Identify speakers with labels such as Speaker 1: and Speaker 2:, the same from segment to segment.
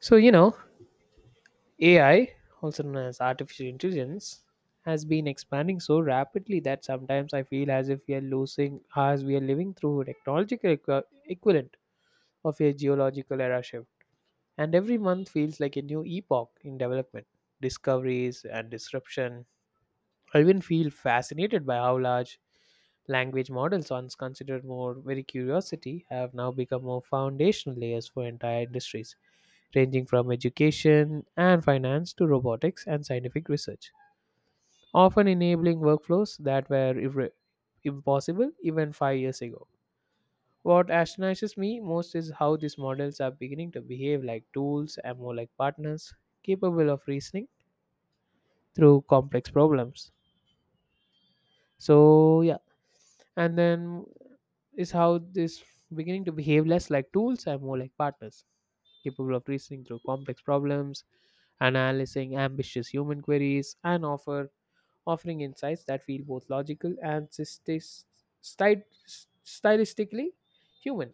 Speaker 1: So, you know, AI, also known as artificial intelligence, has been expanding so rapidly that sometimes I feel as if as we are living through a technological equivalent of a geological era shift. And every month feels like a new epoch in development, discoveries, and disruption. I even feel fascinated by how large language models, once considered more very curiosity, have now become more foundational layers for entire industries ranging from education and finance to robotics and scientific research, often enabling workflows that were impossible even 5 years ago. What astonishes me most is how these models are beginning to behave like tools and more like partners capable of reasoning through complex problems. So, yeah, and then is how this beginning to behave less like tools and more like partners capable of reasoning through complex problems analyzing ambitious human queries, and offering insights that feel both logical and sti- stylistically human.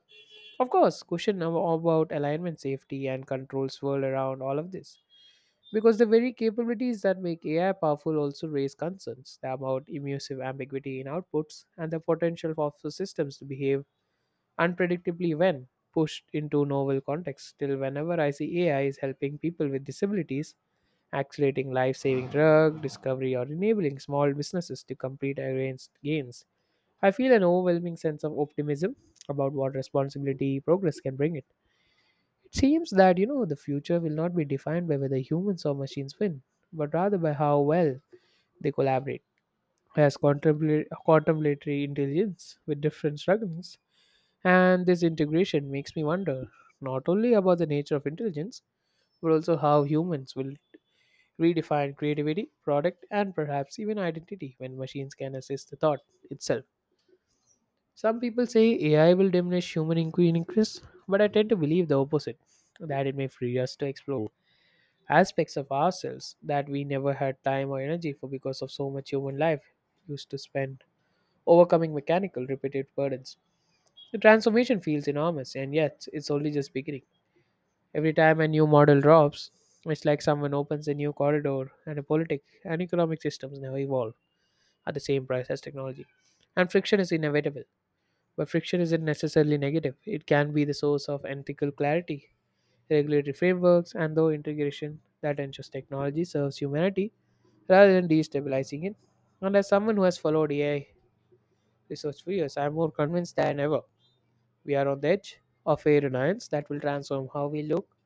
Speaker 1: Of course, question now about alignment, safety, and control swirl around all of this because the very capabilities that make AI powerful also raise concerns about immersive ambiguity in outputs and the potential for the systems to behave unpredictably when pushed into novel contexts. Still, whenever I see AI is helping people with disabilities, accelerating life-saving drug discovery or enabling small businesses to compete against gains. I feel an overwhelming sense of optimism about what responsibility progress can bring it. It seems that the future will not be defined by whether humans or machines win, but rather by how well they collaborate. As contemplatory intelligence with different struggles, and this integration makes me wonder not only about the nature of intelligence, but also how humans will redefine creativity, product, and perhaps even identity when machines can assist the thought itself. Some people say AI will diminish human inquiry interests, but I tend to believe the opposite that it may free us to explore aspects of ourselves that we never had time or energy for because of so much human life used to spend overcoming mechanical, repetitive burdens. The transformation feels enormous, and yet it's only just beginning. Every time a new model drops, it's like someone opens a new corridor and a politic and economic systems never evolve. At the same price as technology. And friction is inevitable, but friction isn't necessarily negative. It can be the source of ethical clarity, regulatory frameworks, and the integration that ensures technology serves humanity rather than destabilizing it. And as someone who has followed AI research for years, I'm more convinced than ever we are on the edge of a renaissance that will transform how we look,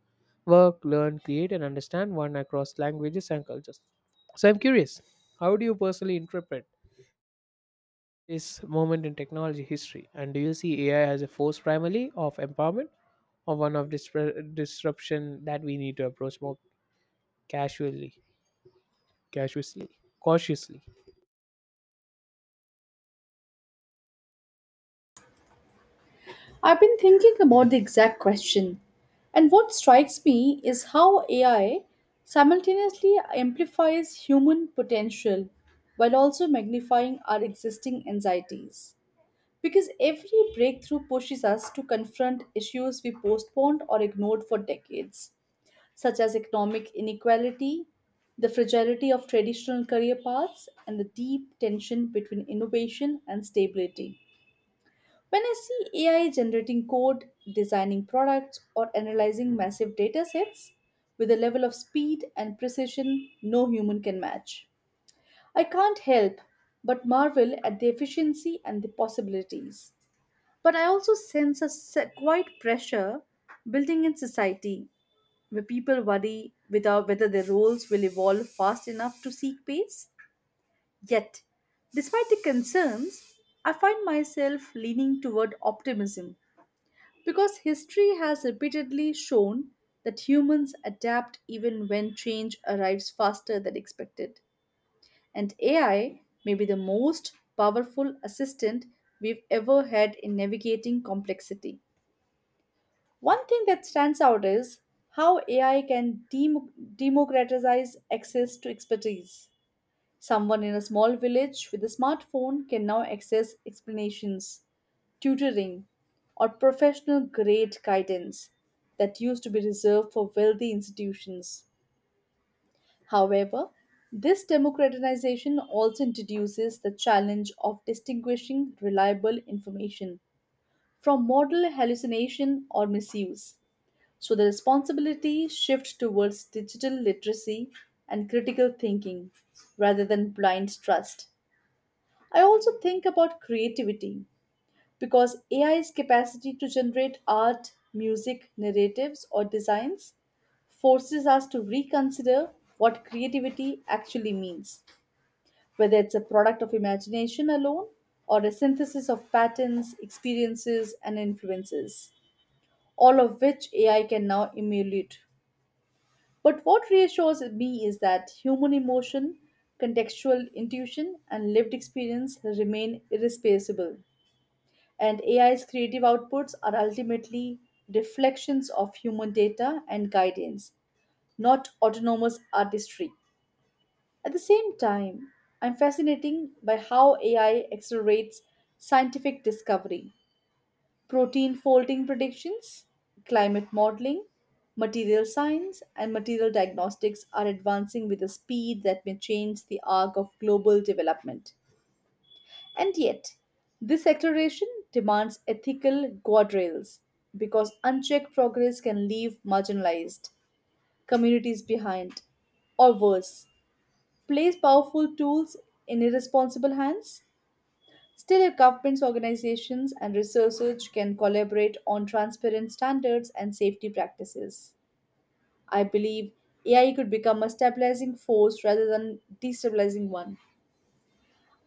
Speaker 1: work, learn, create, and understand one across languages and cultures. So I'm curious, how do you personally interpret this moment in technology history? And do you see AI as a force primarily of empowerment or one of disruption that we need to approach more casually, casually, cautiously?
Speaker 2: I've been thinking about the exact question, and what strikes me is how AI simultaneously amplifies human potential while also magnifying our existing anxieties. Because every breakthrough pushes us to confront issues we postponed or ignored for decades, such as economic inequality, the fragility of traditional career paths, and the deep tension between innovation and stability. When I see AI generating code, designing products, or analyzing massive data sets with a level of speed and precision no human can match, I can't help but marvel at the efficiency and the possibilities. But I also sense a quite pressure building in society where people worry without whether their roles will evolve fast enough to seek pace. Yet, despite the concerns, I find myself leaning toward optimism because history has repeatedly shown that humans adapt even when change arrives faster than expected. And AI may be the most powerful assistant we've ever had in navigating complexity. One thing that stands out is how AI can democratize access to expertise. Someone in a small village with a smartphone can now access explanations, tutoring, or professional grade guidance that used to be reserved for wealthy institutions. However, this democratization also introduces the challenge of distinguishing reliable information from model hallucination or misuse. So the responsibility shifts towards digital literacy and critical thinking rather than blind trust. I also think about creativity because AI's capacity to generate art, music, narratives, or designs forces us to reconsider what creativity actually means, whether it's a product of imagination alone or a synthesis of patterns, experiences, and influences, all of which AI can now emulate. But what reassures me is that human emotion, contextual intuition, and lived experience remain irreplaceable and AI's creative outputs are ultimately reflections of human data and guidance, not autonomous artistry. At the same time, I'm fascinated by how AI accelerates scientific discovery, protein folding predictions, climate modeling, material science, and material diagnostics are advancing with a speed that may change the arc of global development. And yet, this acceleration demands ethical guardrails because unchecked progress can leave marginalized communities behind, or worse, place powerful tools in irresponsible hands. Still, if governments, organizations, and researchers can collaborate on transparent standards and safety practices, I believe AI could become a stabilizing force rather than destabilizing one.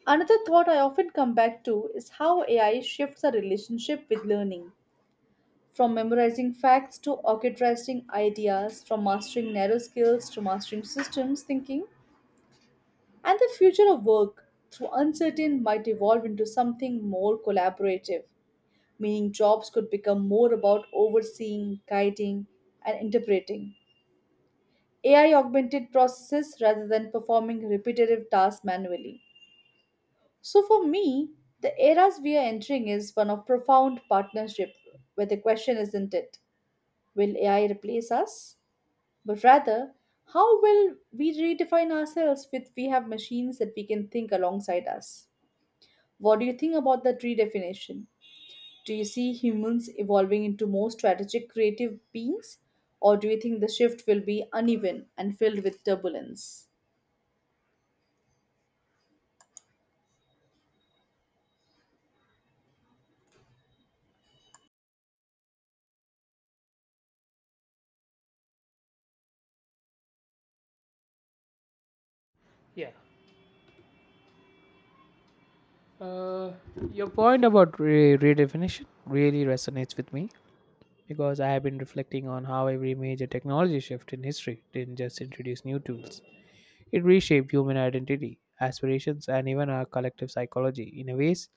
Speaker 2: Another thought I often come back to is how AI shifts our relationship with learning. From memorizing facts to orchestrating ideas, from mastering narrow skills to mastering systems thinking, and the future of work, through uncertain, might evolve into something more collaborative, meaning jobs could become more about overseeing, guiding, and interpreting AI augmented processes rather than performing repetitive tasks manually. So, for me, the eras we are entering is one of profound partnership, where the question isn't it, will AI replace us? But rather, how will we redefine ourselves with we have machines that we can think alongside us? What do you think about that redefinition? Do you see humans evolving into more strategic, creative beings? Or do you think the shift will be uneven and filled with turbulence?
Speaker 1: Yeah. Uh, your point about redefinition really resonates with me because I have been reflecting on how every major technology shift in history didn't just introduce new tools, it reshaped human identity, aspirations, and even our collective psychology in a ways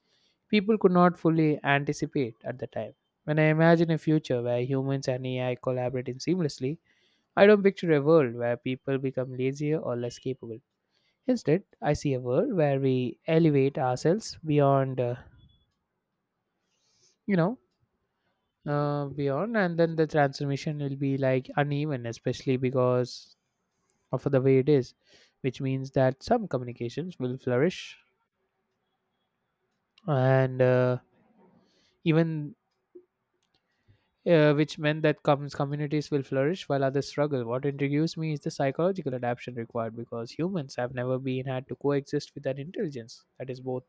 Speaker 1: people could not fully anticipate at the time. When I imagine a future where humans and AI collaborate seamlessly, I don't picture a world where people become lazier or less capable. Instead, I see a world where we elevate ourselves you know, beyond, and then the transformation will be like uneven, especially because of the way it is, which means that some communications will flourish and even which meant that comes communities will flourish while others struggle. What intrigues me is the psychological adaptation required because humans have never been had to coexist with an intelligence that is both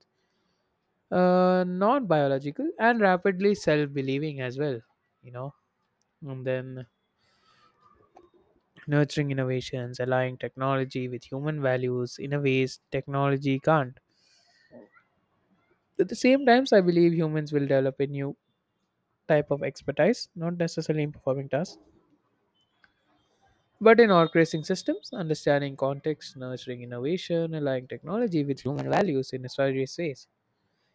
Speaker 1: non biological and rapidly self believing as well, you know. And then nurturing innovations, aligning technology with human values in a ways technology can't. At the same times, I believe humans will develop a new type of expertise, not necessarily in performing tasks but in orchestrating systems, understanding context, nurturing innovation, aligning technology with human values in strategic ways,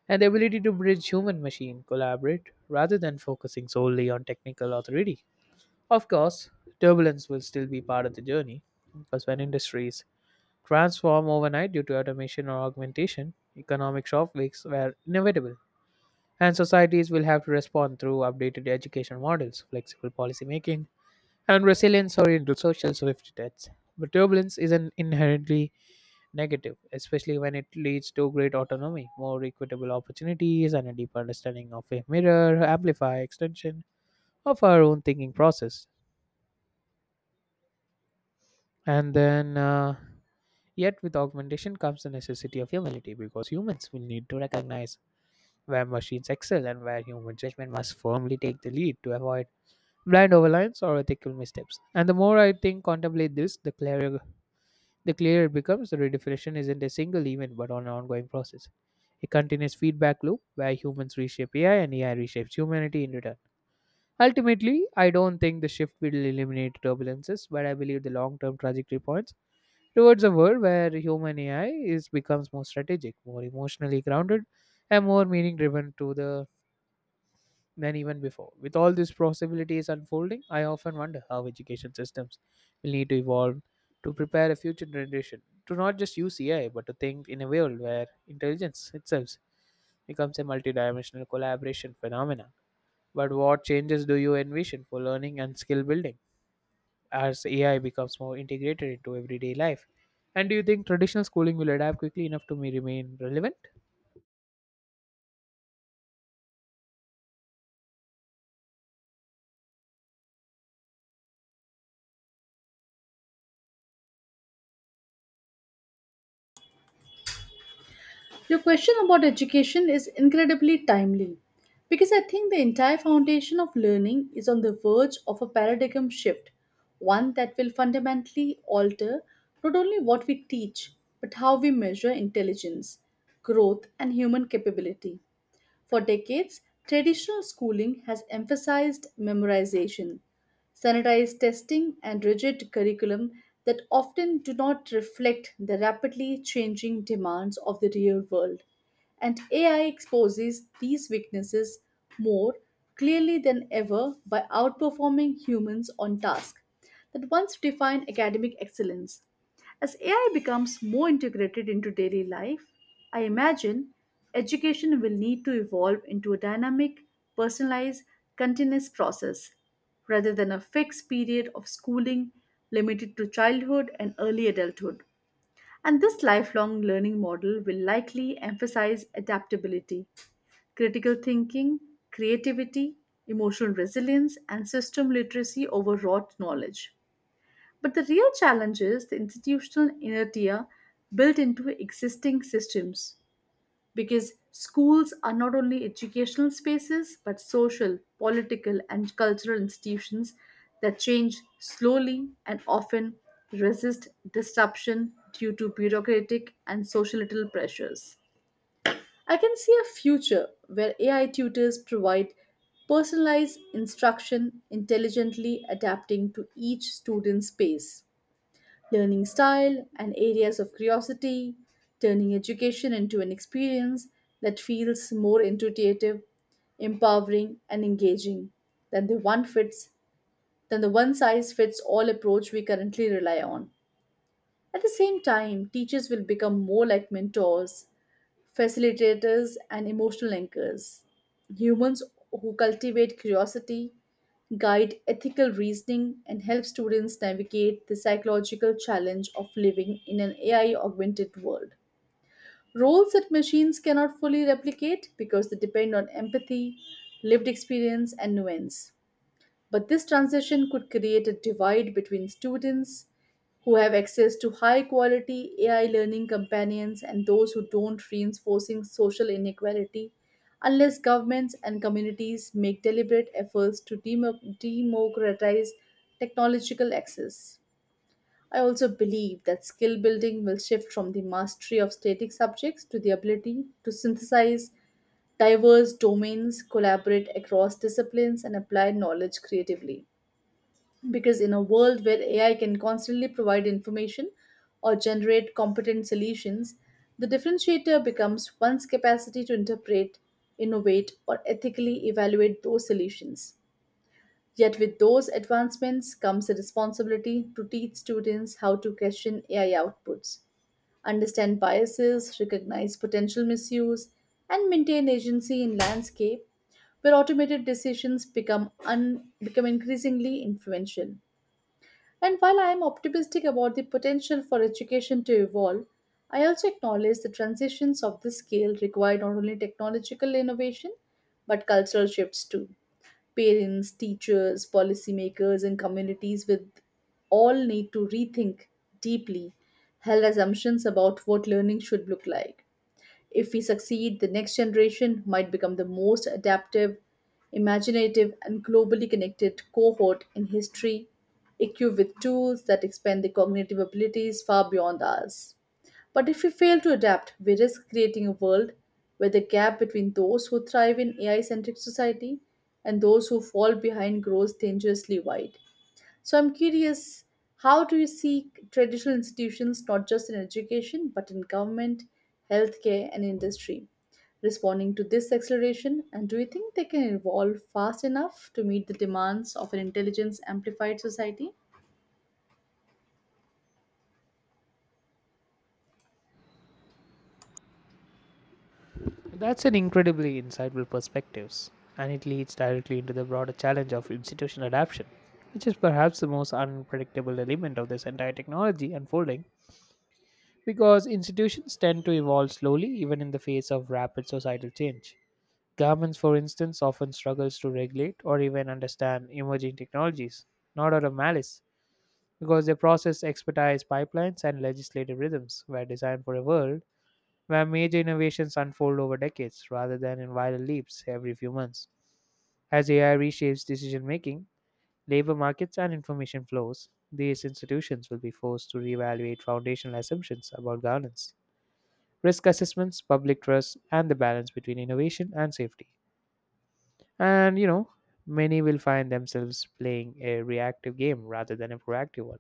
Speaker 1: and the ability to bridge human machine collaborate rather than focusing solely on technical authority. Of course, turbulence will still be part of the journey because when industries transform overnight due to automation or augmentation, economic shockwaves were inevitable, and societies will have to respond through updated education models, flexible policymaking, and resilience or into social safety nets. But turbulence is an inherently negative, especially when it leads to great autonomy, more equitable opportunities, and a deeper understanding of a mirror, amplify extension of our own thinking process. And then, uh, yet, with augmentation comes the necessity of humility because humans will need to recognize where machines excel and where human judgment must firmly take the lead to avoid blind overlines or ethical missteps. And the more I think contemplate this, the clearer it becomes, the redefinition isn't a single event but on an ongoing process. A continuous feedback loop where humans reshape AI and AI reshapes humanity in return. Ultimately, I don't think the shift will eliminate turbulences, but I believe the long term trajectory points towards a world where human AI is becomes more strategic, more emotionally grounded, and more meaning driven to the than even before. With all these possibilities unfolding, I often wonder how education systems will need to evolve to prepare a future generation to not just use AI but to think in a world where intelligence itself becomes a multidimensional collaboration phenomenon. But what changes do you envision for learning and skill building as AI becomes more integrated into everyday life? And do you think traditional schooling will adapt quickly enough to me remain relevant?
Speaker 2: Your question about education is incredibly timely because I think the entire foundation of learning is on the verge of a paradigm shift, one that will fundamentally alter not only what we teach, but how we measure intelligence, growth, and human capability. For decades, traditional schooling has emphasized memorization, sanitized testing, and rigid curriculum that often do not reflect the rapidly changing demands of the real world. And AI exposes these weaknesses more clearly than ever by outperforming humans on tasks that once defined academic excellence. As AI becomes more integrated into daily life, I imagine education will need to evolve into a dynamic, personalized, continuous process rather than a fixed period of schooling limited to childhood and early adulthood. And this lifelong learning model will likely emphasize adaptability, critical thinking, creativity, emotional resilience, and system literacy over rote knowledge. But the real challenge is the institutional inertia built into existing systems because schools are not only educational spaces but social, political, and cultural institutions that change slowly and often resist disruption due to bureaucratic and societal pressures. I can see a future where AI tutors provide personalized instruction intelligently adapting to each student's pace learning style, and areas of curiosity, turning education into an experience that feels more intuitive, empowering, and engaging than the one fits than the one size fits all approach we currently rely on. At the same time, teachers will become more like mentors facilitators, and emotional anchors. Humans who cultivate curiosity, guide ethical reasoning, and help students navigate the psychological challenge of living in an AI augmented world. Roles that machines cannot fully replicate because they depend on empathy, lived experience, and nuance. But this transition could create a divide between students who have access to high quality AI learning companions and those who don't, reinforcing social inequality unless governments and communities make deliberate efforts to democratize technological access. I also believe that skill building will shift from the mastery of static subjects to the ability to synthesize diverse domains, collaborate across disciplines, and apply knowledge creatively because in a world where AI can constantly provide information or generate competent solutions, the differentiator becomes one's capacity to interpret, innovate, or ethically evaluate those solutions. Yet, with those advancements comes a responsibility to teach students how to question AI outputs, understand biases, recognize potential misuse, and maintain agency in landscape where automated decisions become increasingly influential. And while I am optimistic about the potential for education to evolve, I also acknowledge the transitions of this scale require not only technological innovation but cultural shifts too. Parents, teachers, policymakers, and communities with all need to rethink deeply held assumptions about what learning should look like. If we succeed, the next generation might become the most adaptive, imaginative, and globally connected cohort in history, equipped with tools that expand their cognitive abilities far beyond ours. But if we fail to adapt, we risk creating a world where the gap between those who thrive in AI centric society and those who fall behind grows dangerously wide. So I'm curious, how do you see traditional institutions, not just in education, but in government, healthcare, and industry, responding to this acceleration? And do you think they can evolve fast enough to meet the demands of an intelligence amplified society?
Speaker 1: That's an incredibly insightful perspective, and it leads directly into the broader challenge of institutional adoption, which is perhaps the most unpredictable element of this entire technology unfolding, because institutions tend to evolve slowly even in the face of rapid societal change. Governments, for instance, often struggles to regulate or even understand emerging technologies, not out of malice, because their process expertise pipelines and legislative rhythms were designed for a world where major innovations unfold over decades rather than in viral leaps every few months. As AI reshapes decision making, labor markets, and information flows, these institutions will be forced to reevaluate foundational assumptions about governance, risk assessments, public trust, and the balance between innovation and safety. And many will find themselves playing a reactive game rather than a proactive one.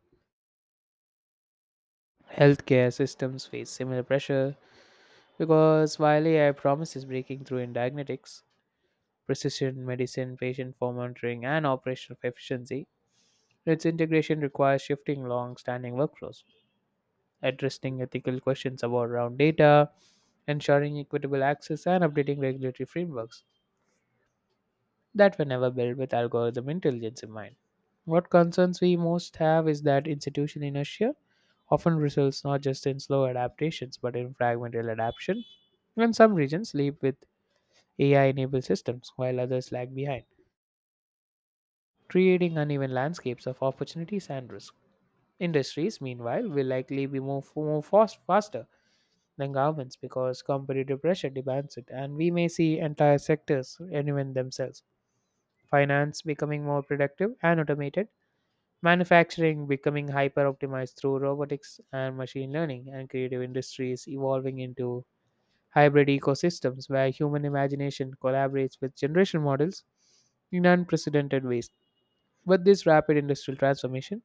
Speaker 1: Healthcare systems face similar pressure because while AI promises breaking through in diagnostics, precision medicine, patient for monitoring, and operational efficiency, its integration requires shifting long standing workflows, addressing ethical questions about raw data, ensuring equitable access, and updating regulatory frameworks that were never built with algorithm intelligence in mind. What concerns we most have is that institution inertia often results not just in slow adaptations but in fragmental adaptation, and some regions leap with AI enabled systems while others lag behind, creating uneven landscapes of opportunities and risk. Industries, meanwhile, will likely be faster than governments because competitive pressure demands it, and we may see entire sectors reinvent themselves. Finance becoming more productive and automated, manufacturing becoming hyper optimized through robotics and machine learning, and creative industries evolving into hybrid ecosystems where human imagination collaborates with generation models in unprecedented ways. With this rapid industrial transformation,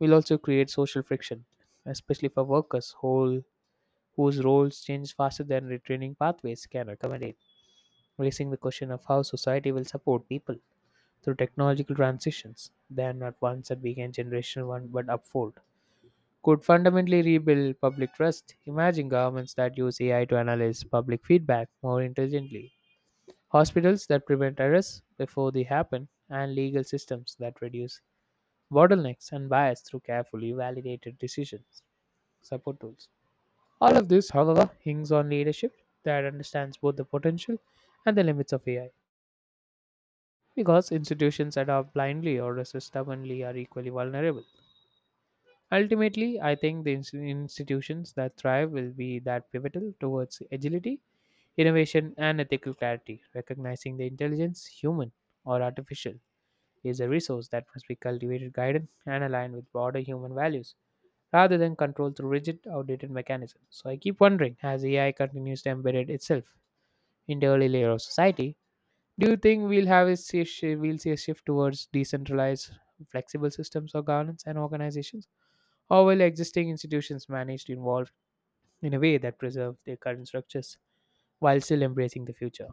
Speaker 1: will also create social friction, especially for workers whose roles change faster than retraining pathways can accommodate, raising the question of how society will support people through technological transitions, then not ones that begin generation one but upfold. Could fundamentally rebuild public trust. Imagine governments that use AI to analyze public feedback more intelligently, hospitals that prevent errors before they happen, and legal systems that reduce bottlenecks and bias through carefully validated decisions. Support tools. All of this, however, hinges on leadership that understands both the potential and the limits of AI, because institutions that adopt blindly or resist stubbornly are equally vulnerable. Ultimately, I think the institutions that thrive will be that pivotal towards agility, innovation, and ethical clarity, recognizing the intelligence, human or artificial, is a resource that must be cultivated, guided, and aligned with broader human values, rather than control through rigid, outdated mechanisms. So I keep wondering, as AI continues to embed itself in the early layer of society, do you think we'll see a shift towards decentralized, flexible systems of governance and organizations, or will existing institutions manage to evolve in a way that preserve their current structures while still embracing the future?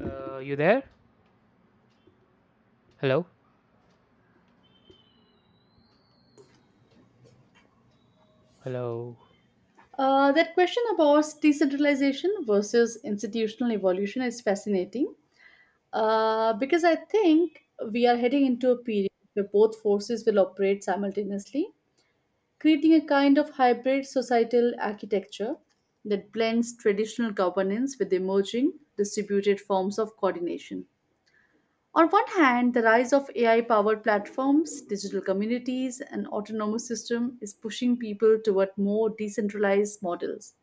Speaker 1: You there? Hello, hello.
Speaker 2: That question about decentralization versus institutional evolution is fascinating because I think we are heading into a period where both forces will operate simultaneously creating a kind of hybrid societal architecture that blends traditional governance with emerging distributed forms of coordination. On one hand, the rise of AI powered platforms, digital communities, and autonomous systems is pushing people toward more decentralized models,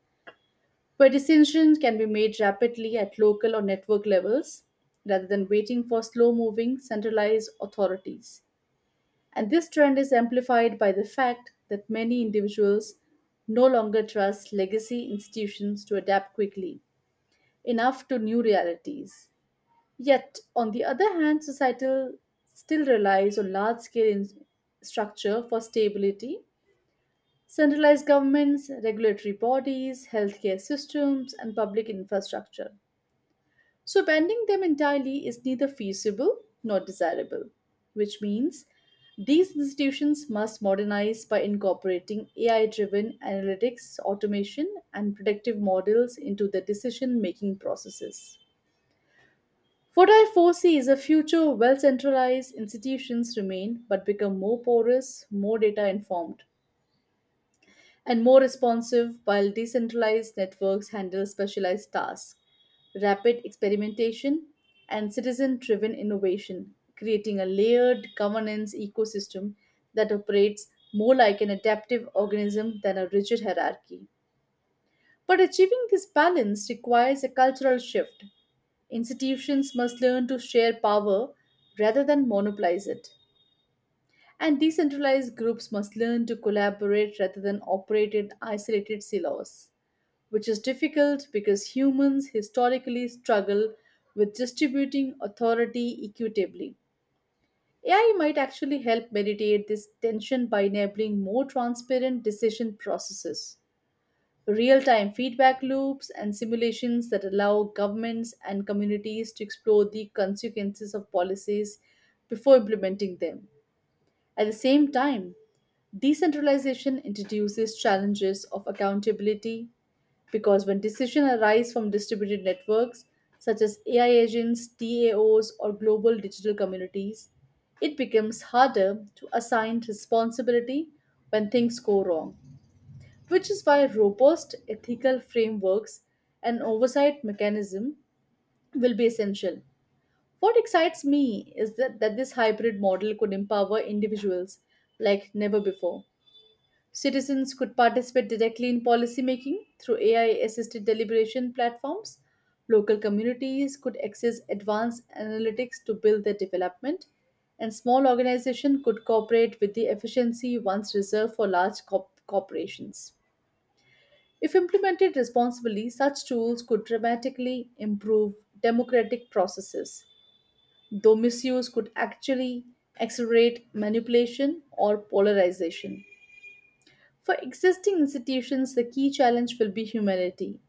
Speaker 2: where decisions can be made rapidly at local or network levels rather than waiting for slow moving centralized authorities. And this trend is amplified by the fact that many individuals no longer trust legacy institutions to adapt quickly enough to new realities. Yet, on the other hand, societal still relies on large scale structure for stability. Centralized governments, regulatory bodies, healthcare systems, and public infrastructure. So, banning them entirely is neither feasible nor desirable, which means these institutions must modernize by incorporating AI driven analytics, automation, and predictive models into their decision making processes. What I foresee is a future where well centralized institutions remain but become more porous, more data informed, and more responsive, while decentralized networks handle specialized tasks, rapid experimentation, and citizen driven innovation, creating a layered governance ecosystem that operates more like an adaptive organism than a rigid hierarchy. But achieving this balance requires a cultural shift. Institutions must learn to share power rather than monopolize it. And decentralized groups must learn to collaborate rather than operate in isolated silos which is difficult because humans historically struggle with distributing authority equitably. AI might actually help mediate this tension by enabling more transparent decision processes, real time feedback loops, and simulations that allow governments and communities to explore the consequences of policies before implementing them. At the same time, decentralization introduces challenges of accountability because when decisions arise from distributed networks such as AI agents, DAOs, or global digital communities, it becomes harder to assign responsibility when things go wrong, which is why robust ethical frameworks and oversight mechanism will be essential what excites me is that this hybrid model could empower individuals like never before. Citizens could participate directly in policymaking through AI assisted deliberation platforms. Local communities could access advanced analytics to build their development. And small organizations could cooperate with the efficiency once reserved for large corporations. If implemented responsibly, such tools could dramatically improve democratic processes though misuse could actually accelerate manipulation or polarization. For existing institutions, the key challenge will be humility.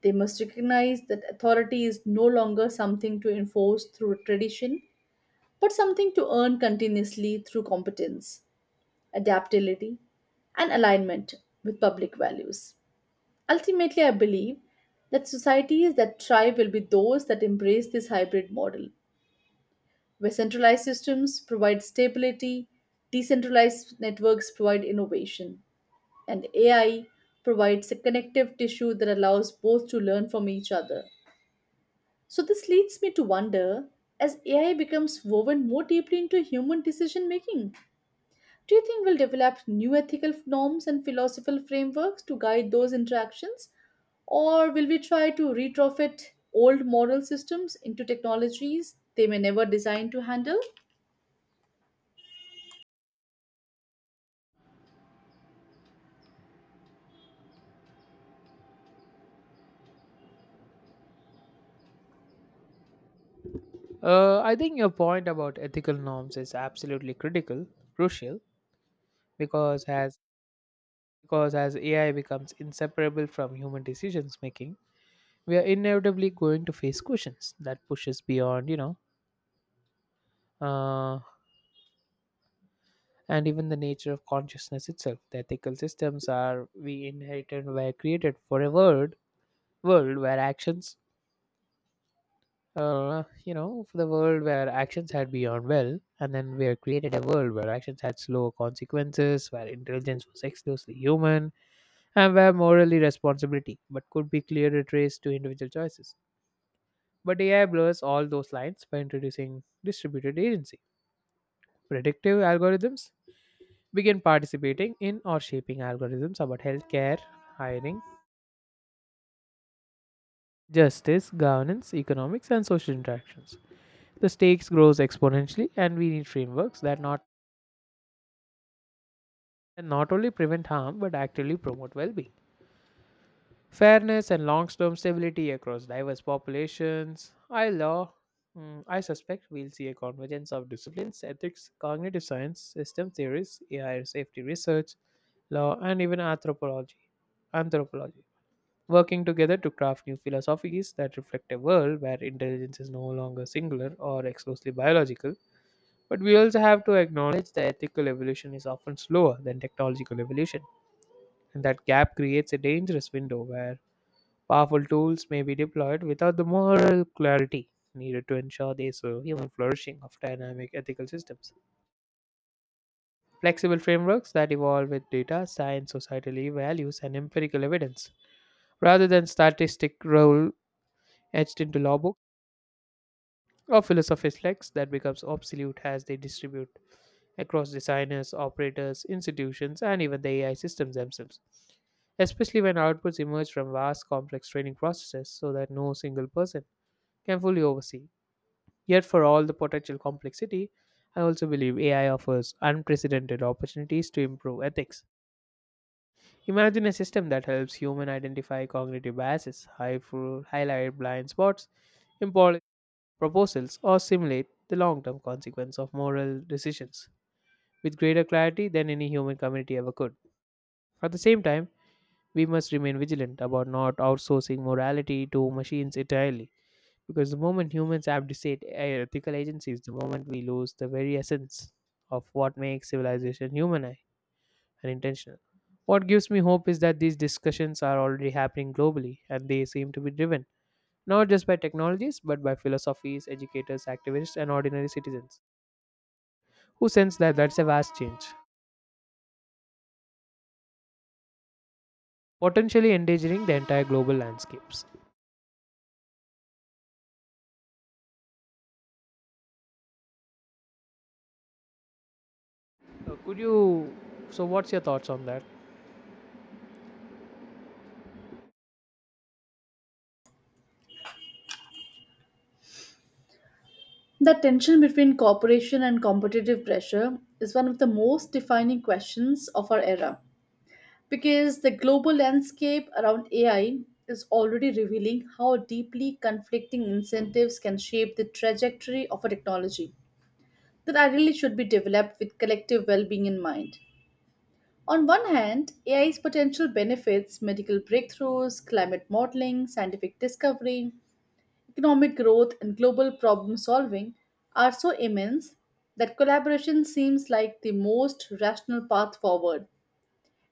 Speaker 2: They must recognize that authority is no longer something to enforce through tradition, but something to earn continuously through competence, adaptability, and alignment with public values. Ultimately, I believe that societies that thrive will be those that embrace this hybrid model where centralized systems provide stability, decentralized networks provide innovation, and AI provides a connective tissue that allows both to learn from each other. So, this leads me to wonder, as AI becomes woven more deeply into human decision making, do you think we'll develop new ethical norms and philosophical frameworks to guide those interactions? Or will we try to retrofit old moral systems into technologies they may never design to handle?
Speaker 1: I think your point about ethical norms is absolutely critical, crucial, because as Because as AI becomes inseparable from human decisions making, we are inevitably going to face questions that pushes beyond, uh, and even the nature of consciousness itself. The ethical systems are we inherited were created for a world where actions, for the world where actions had beyond well, and then we are created a world where actions had slower consequences, where intelligence was exclusively human, and where morally responsibility, but could be clearly traced to individual choices. But AI blurs all those lines by introducing distributed agency. Predictive algorithms begin participating in or shaping algorithms about healthcare, hiring, justice, governance, economics, and social interactions. The stakes grows exponentially, and we need frameworks that not only prevent harm but actively promote well-being. Fairness and long term stability across diverse populations. I law. I suspect we'll see a convergence of disciplines, ethics, cognitive science, system theories, AI safety research, law, and even anthropology. Anthropology working together to craft new philosophies that reflect a world where intelligence is no longer singular or exclusively biological. But we also have to acknowledge the ethical evolution is often slower than technological evolution, and that gap creates a dangerous window where powerful tools may be deployed without the moral clarity needed to ensure they survive and flourishing of dynamic ethical systems. Flexible frameworks that evolve with data, science, societal values, and empirical evidence, rather than statistic role etched into law books or philosophy's lex that becomes obsolete as they distribute across designers, operators, institutions, and even the AI systems themselves, especially when outputs emerge from vast complex training processes so that no single person can fully oversee. Yet, for all the potential complexity, I also believe AI offers unprecedented opportunities to improve ethics. Imagine a system that helps humans identify cognitive biases, highlight blind spots, in proposals, or simulate the long term consequence of moral decisions with greater clarity than any human community ever could. At the same time, we must remain vigilant about not outsourcing morality to machines entirely. Because the moment humans abdicate ethical agency is the moment we lose the very essence of what makes civilization human and intentional. What gives me hope is that these discussions are already happening globally and they seem to be driven not just by technologies but by philosophies, educators, activists, and ordinary citizens who sense that's a vast change, potentially endangering the entire global landscapes. Could you? So, what's your thoughts on that?
Speaker 2: The tension between cooperation and competitive pressure is one of the most defining questions of our era because the global landscape around AI is already revealing how deeply conflicting incentives can shape the trajectory of a technology that ideally should be developed with collective well being in mind. On one hand, AI's potential benefits, medical breakthroughs, climate modeling, scientific discovery, economic growth and global problem solving, are so immense that collaboration seems like the most rational path forward.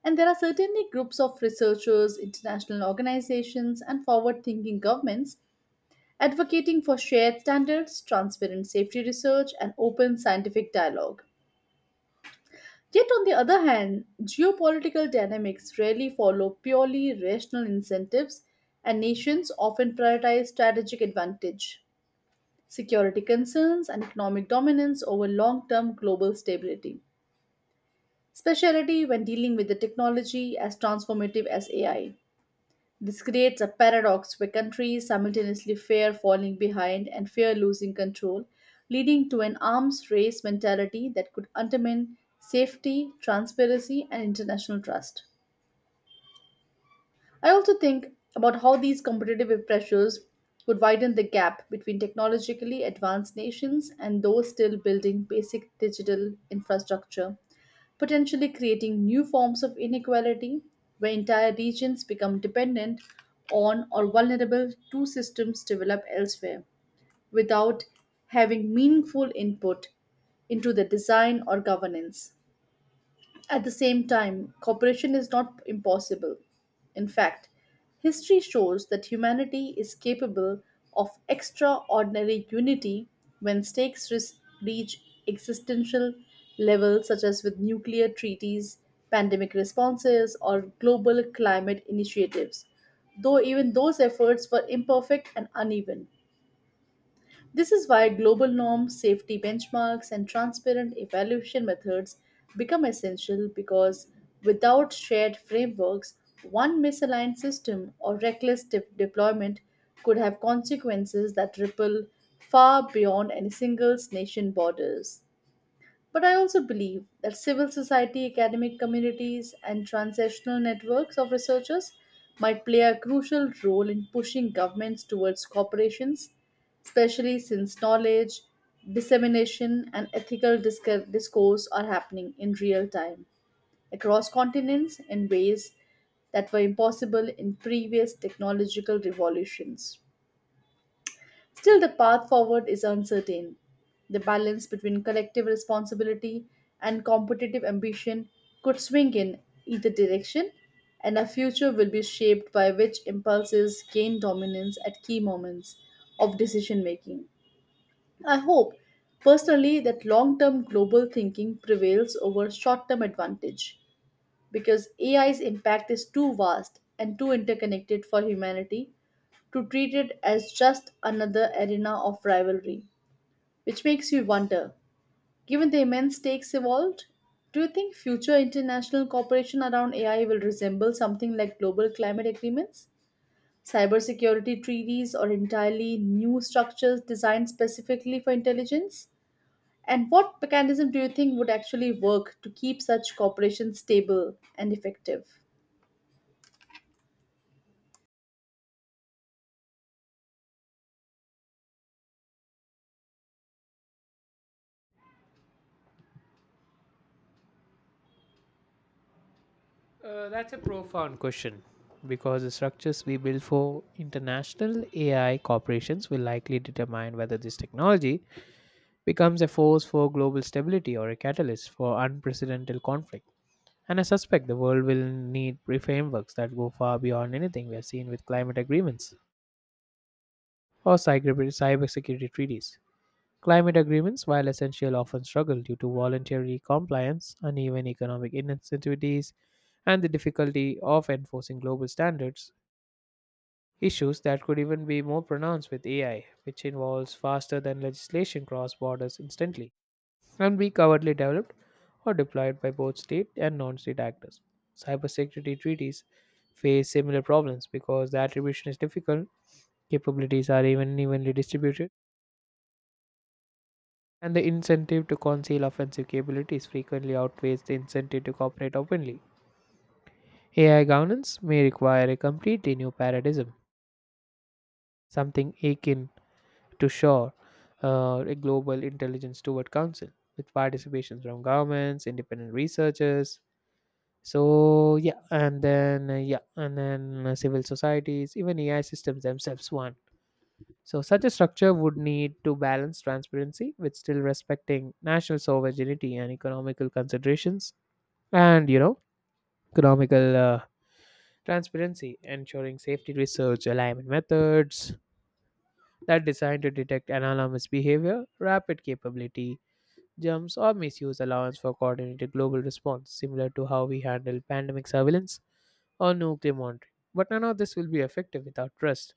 Speaker 2: And there are certainly groups of researchers, international organizations, and forward thinking governments advocating for shared standards, transparent safety research, and open scientific dialogue. Yet, on the other hand, geopolitical dynamics rarely follow purely rational incentives, and nations often prioritize strategic advantage, security concerns, and economic dominance over long term global stability, especially when dealing with the technology as transformative as AI. This creates a paradox where countries simultaneously fear falling behind and fear losing control, leading to an arms race mentality that could undermine safety, transparency, and international trust. I also think about how these competitive pressures would widen the gap between technologically advanced nations and those still building basic digital infrastructure, potentially creating new forms of inequality where entire regions become dependent on or vulnerable to systems developed elsewhere without having meaningful input into the design or governance. At the same time, cooperation is not impossible. In fact, history shows that humanity is capable of extraordinary unity when stakes reach existential levels, such as with nuclear treaties, pandemic responses, or global climate initiatives, though even those efforts were imperfect and uneven. This is why global norms, safety benchmarks, and transparent evaluation methods become essential, because without shared frameworks, one misaligned system or reckless deployment could have consequences that ripple far beyond any single nation's borders. But I also believe that civil society, academic communities, and transnational networks of researchers might play a crucial role in pushing governments towards corporations, especially since knowledge, dissemination, and ethical discourse are happening in real time across continents in ways that were impossible in previous technological revolutions. Still, the path forward is uncertain. The balance between collective responsibility and competitive ambition could swing in either direction, and our future will be shaped by which impulses gain dominance at key moments of decision making. I hope, personally, that long term global thinking prevails over short term advantage because AI's impact is too vast and too interconnected for humanity to treat it as just another arena of rivalry. Which makes you wonder, given the immense stakes involved, do you think future international cooperation around AI will resemble something like global climate agreements, cybersecurity treaties, or entirely new structures designed specifically for intelligence? And what mechanism do you think would actually work to keep such cooperation stable and effective?
Speaker 1: That's a profound question because the structures we build for international AI corporations will likely determine whether this technology becomes a force for global stability or a catalyst for unprecedented conflict. And I suspect the world will need frameworks that go far beyond anything we have seen with climate agreements or cybersecurity treaties. Climate agreements, while essential, often struggle due to voluntary compliance, uneven economic incentives, and the difficulty of enforcing global standards. Issues that could even be more pronounced with AI, which involves faster than legislation cross borders instantly and be cowardly developed or deployed by both state and non state actors. Cybersecurity treaties face similar problems because the attribution is difficult, capabilities are even evenly distributed, and the incentive to conceal offensive capabilities frequently outweighs the incentive to cooperate openly. AI governance may require a completely new paradigm, something akin to shore a global intelligence steward council with participation from governments independent researchers so yeah and then civil societies even AI systems themselves one so such a structure would need to balance transparency with still respecting national sovereignty and economical considerations and economical transparency ensuring safety research alignment methods that designed to detect anomalous behavior rapid capability jumps, or misuse allowance for coordinated global response, similar to how we handle pandemic surveillance or nuclear monitoring. But none of this will be effective without trust,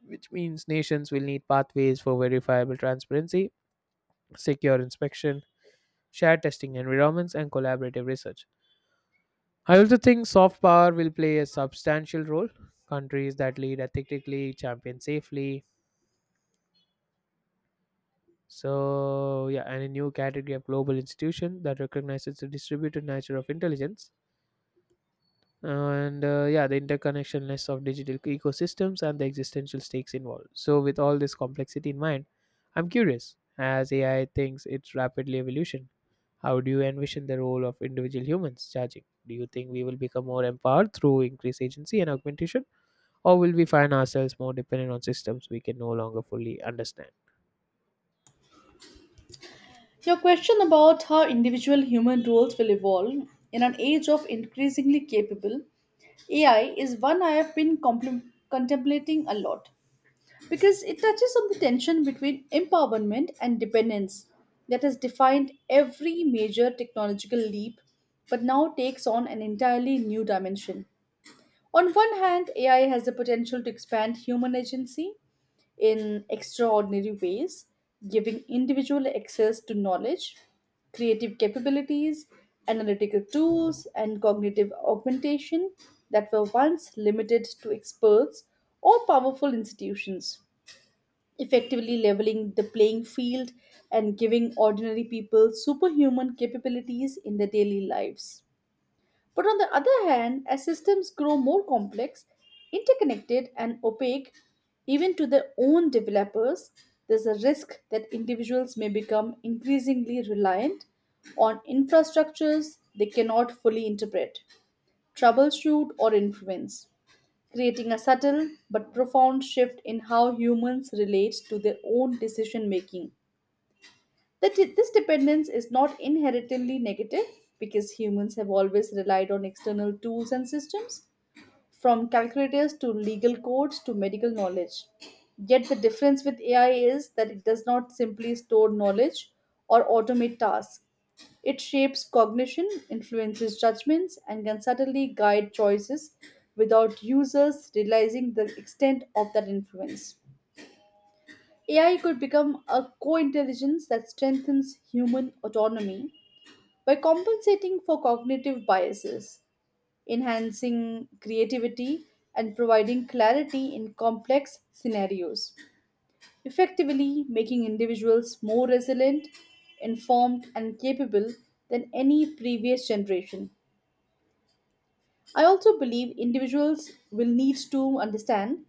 Speaker 1: which means nations will need pathways for verifiable transparency, secure inspection, shared testing environments, and collaborative research. I also think soft power will play a substantial role. Countries that lead ethically, champion safely, and a new category of global institution that recognizes the distributed nature of intelligence and the interconnectionness of digital ecosystems and the existential stakes involved. So with all this complexity in mind, I'm curious, as AI thinks its rapidly evolution, how do you envision the role of individual humans charging? Do you think we will become more empowered through increased agency and augmentation, or will we find ourselves more dependent on systems we can no longer fully understand?
Speaker 2: Your question about how individual human roles will evolve in an age of increasingly capable AI is one I have been contemplating a lot, because it touches on the tension between empowerment and dependence that has defined every major technological leap but now takes on an entirely new dimension. On one hand, AI has the potential to expand human agency in extraordinary ways, giving individual access to knowledge, creative capabilities, analytical tools, and cognitive augmentation that were once limited to experts or powerful institutions, effectively leveling the playing field and giving ordinary people superhuman capabilities in their daily lives. But on the other hand, as systems grow more complex, interconnected, and opaque, even to their own developers, there's a risk that individuals may become increasingly reliant on infrastructures they cannot fully interpret, troubleshoot, or influence, creating a subtle but profound shift in how humans relate to their own decision making. This dependence is not inherently negative because humans have always relied on external tools and systems, from calculators to legal codes to medical knowledge. Yet the difference with AI is that it does not simply store knowledge or automate tasks. It shapes cognition, influences judgments, and can subtly guide choices without users realizing the extent of that influence. AI could become a co intelligence that strengthens human autonomy by compensating for cognitive biases, enhancing creativity, and providing clarity in complex scenarios, effectively making individuals more resilient, informed, and capable than any previous generation. I also believe individuals will need to understand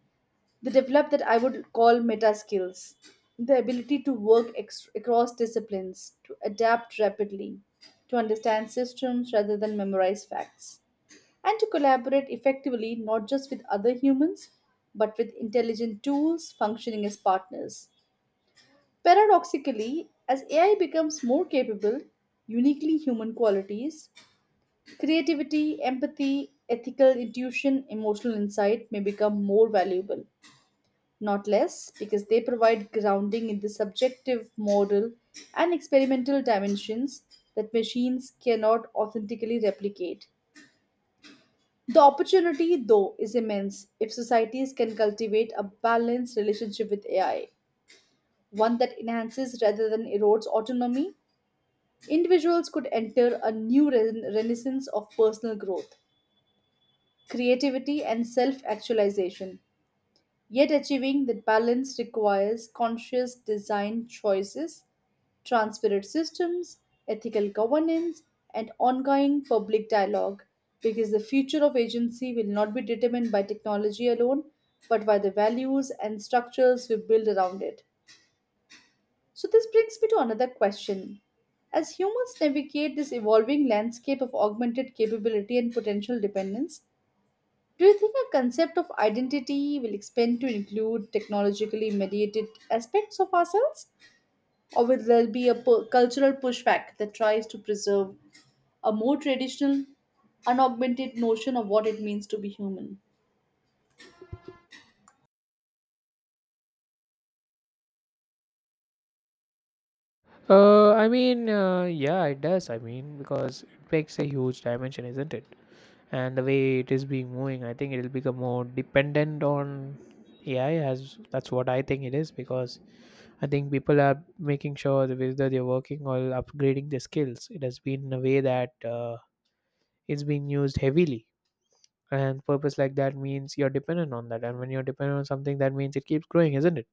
Speaker 2: they develop that I would call meta skills, the ability to work across disciplines, to adapt rapidly, to understand systems rather than memorize facts, and to collaborate effectively not just with other humans but with intelligent tools functioning as partners. Paradoxically, as AI becomes more capable, uniquely human qualities, creativity, empathy, ethical intuition, emotional insight may become more valuable, not less, because they provide grounding in the subjective, moral, and experimental dimensions that machines cannot authentically replicate. The opportunity, though, is immense if societies can cultivate a balanced relationship with AI, one that enhances rather than erodes autonomy. Individuals could enter a new renaissance of personal growth, creativity, and self actualization. Yet, achieving that balance requires conscious design choices, transparent systems, ethical governance, and ongoing public dialogue because the future of agency will not be determined by technology alone but by the values and structures we build around it. So, this brings me to another question. As humans navigate this evolving landscape of augmented capability and potential dependence, do you think a concept of identity will expand to include technologically mediated aspects of ourselves? Or will there be a cultural pushback that tries to preserve a more traditional, unaugmented notion of what it means to be human?
Speaker 1: Yeah, it does. I mean, because it makes a huge dimension, isn't it? And the way it is being moving, I think it'll become more dependent on AI. As that's what I think it is, because I think people are making sure that whether they're working or upgrading their skills. It has been a way that it's been used heavily, and purpose like that means you're dependent on that. And when you're dependent on something, that means it keeps growing, isn't it?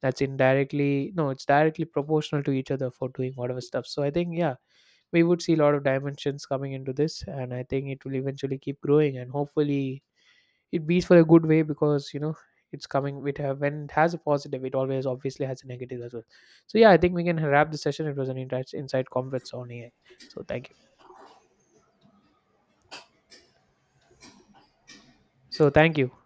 Speaker 1: That's indirectly no, it's directly proportional to each other for doing whatever stuff. So I think yeah, we would see a lot of dimensions coming into this, and I think it will eventually keep growing, and hopefully it beats for a good way because it's coming with a when it has a positive it always obviously has a negative as well so yeah I think we can wrap the session. It was an insight inside comfort zone AI. So thank you. so thank you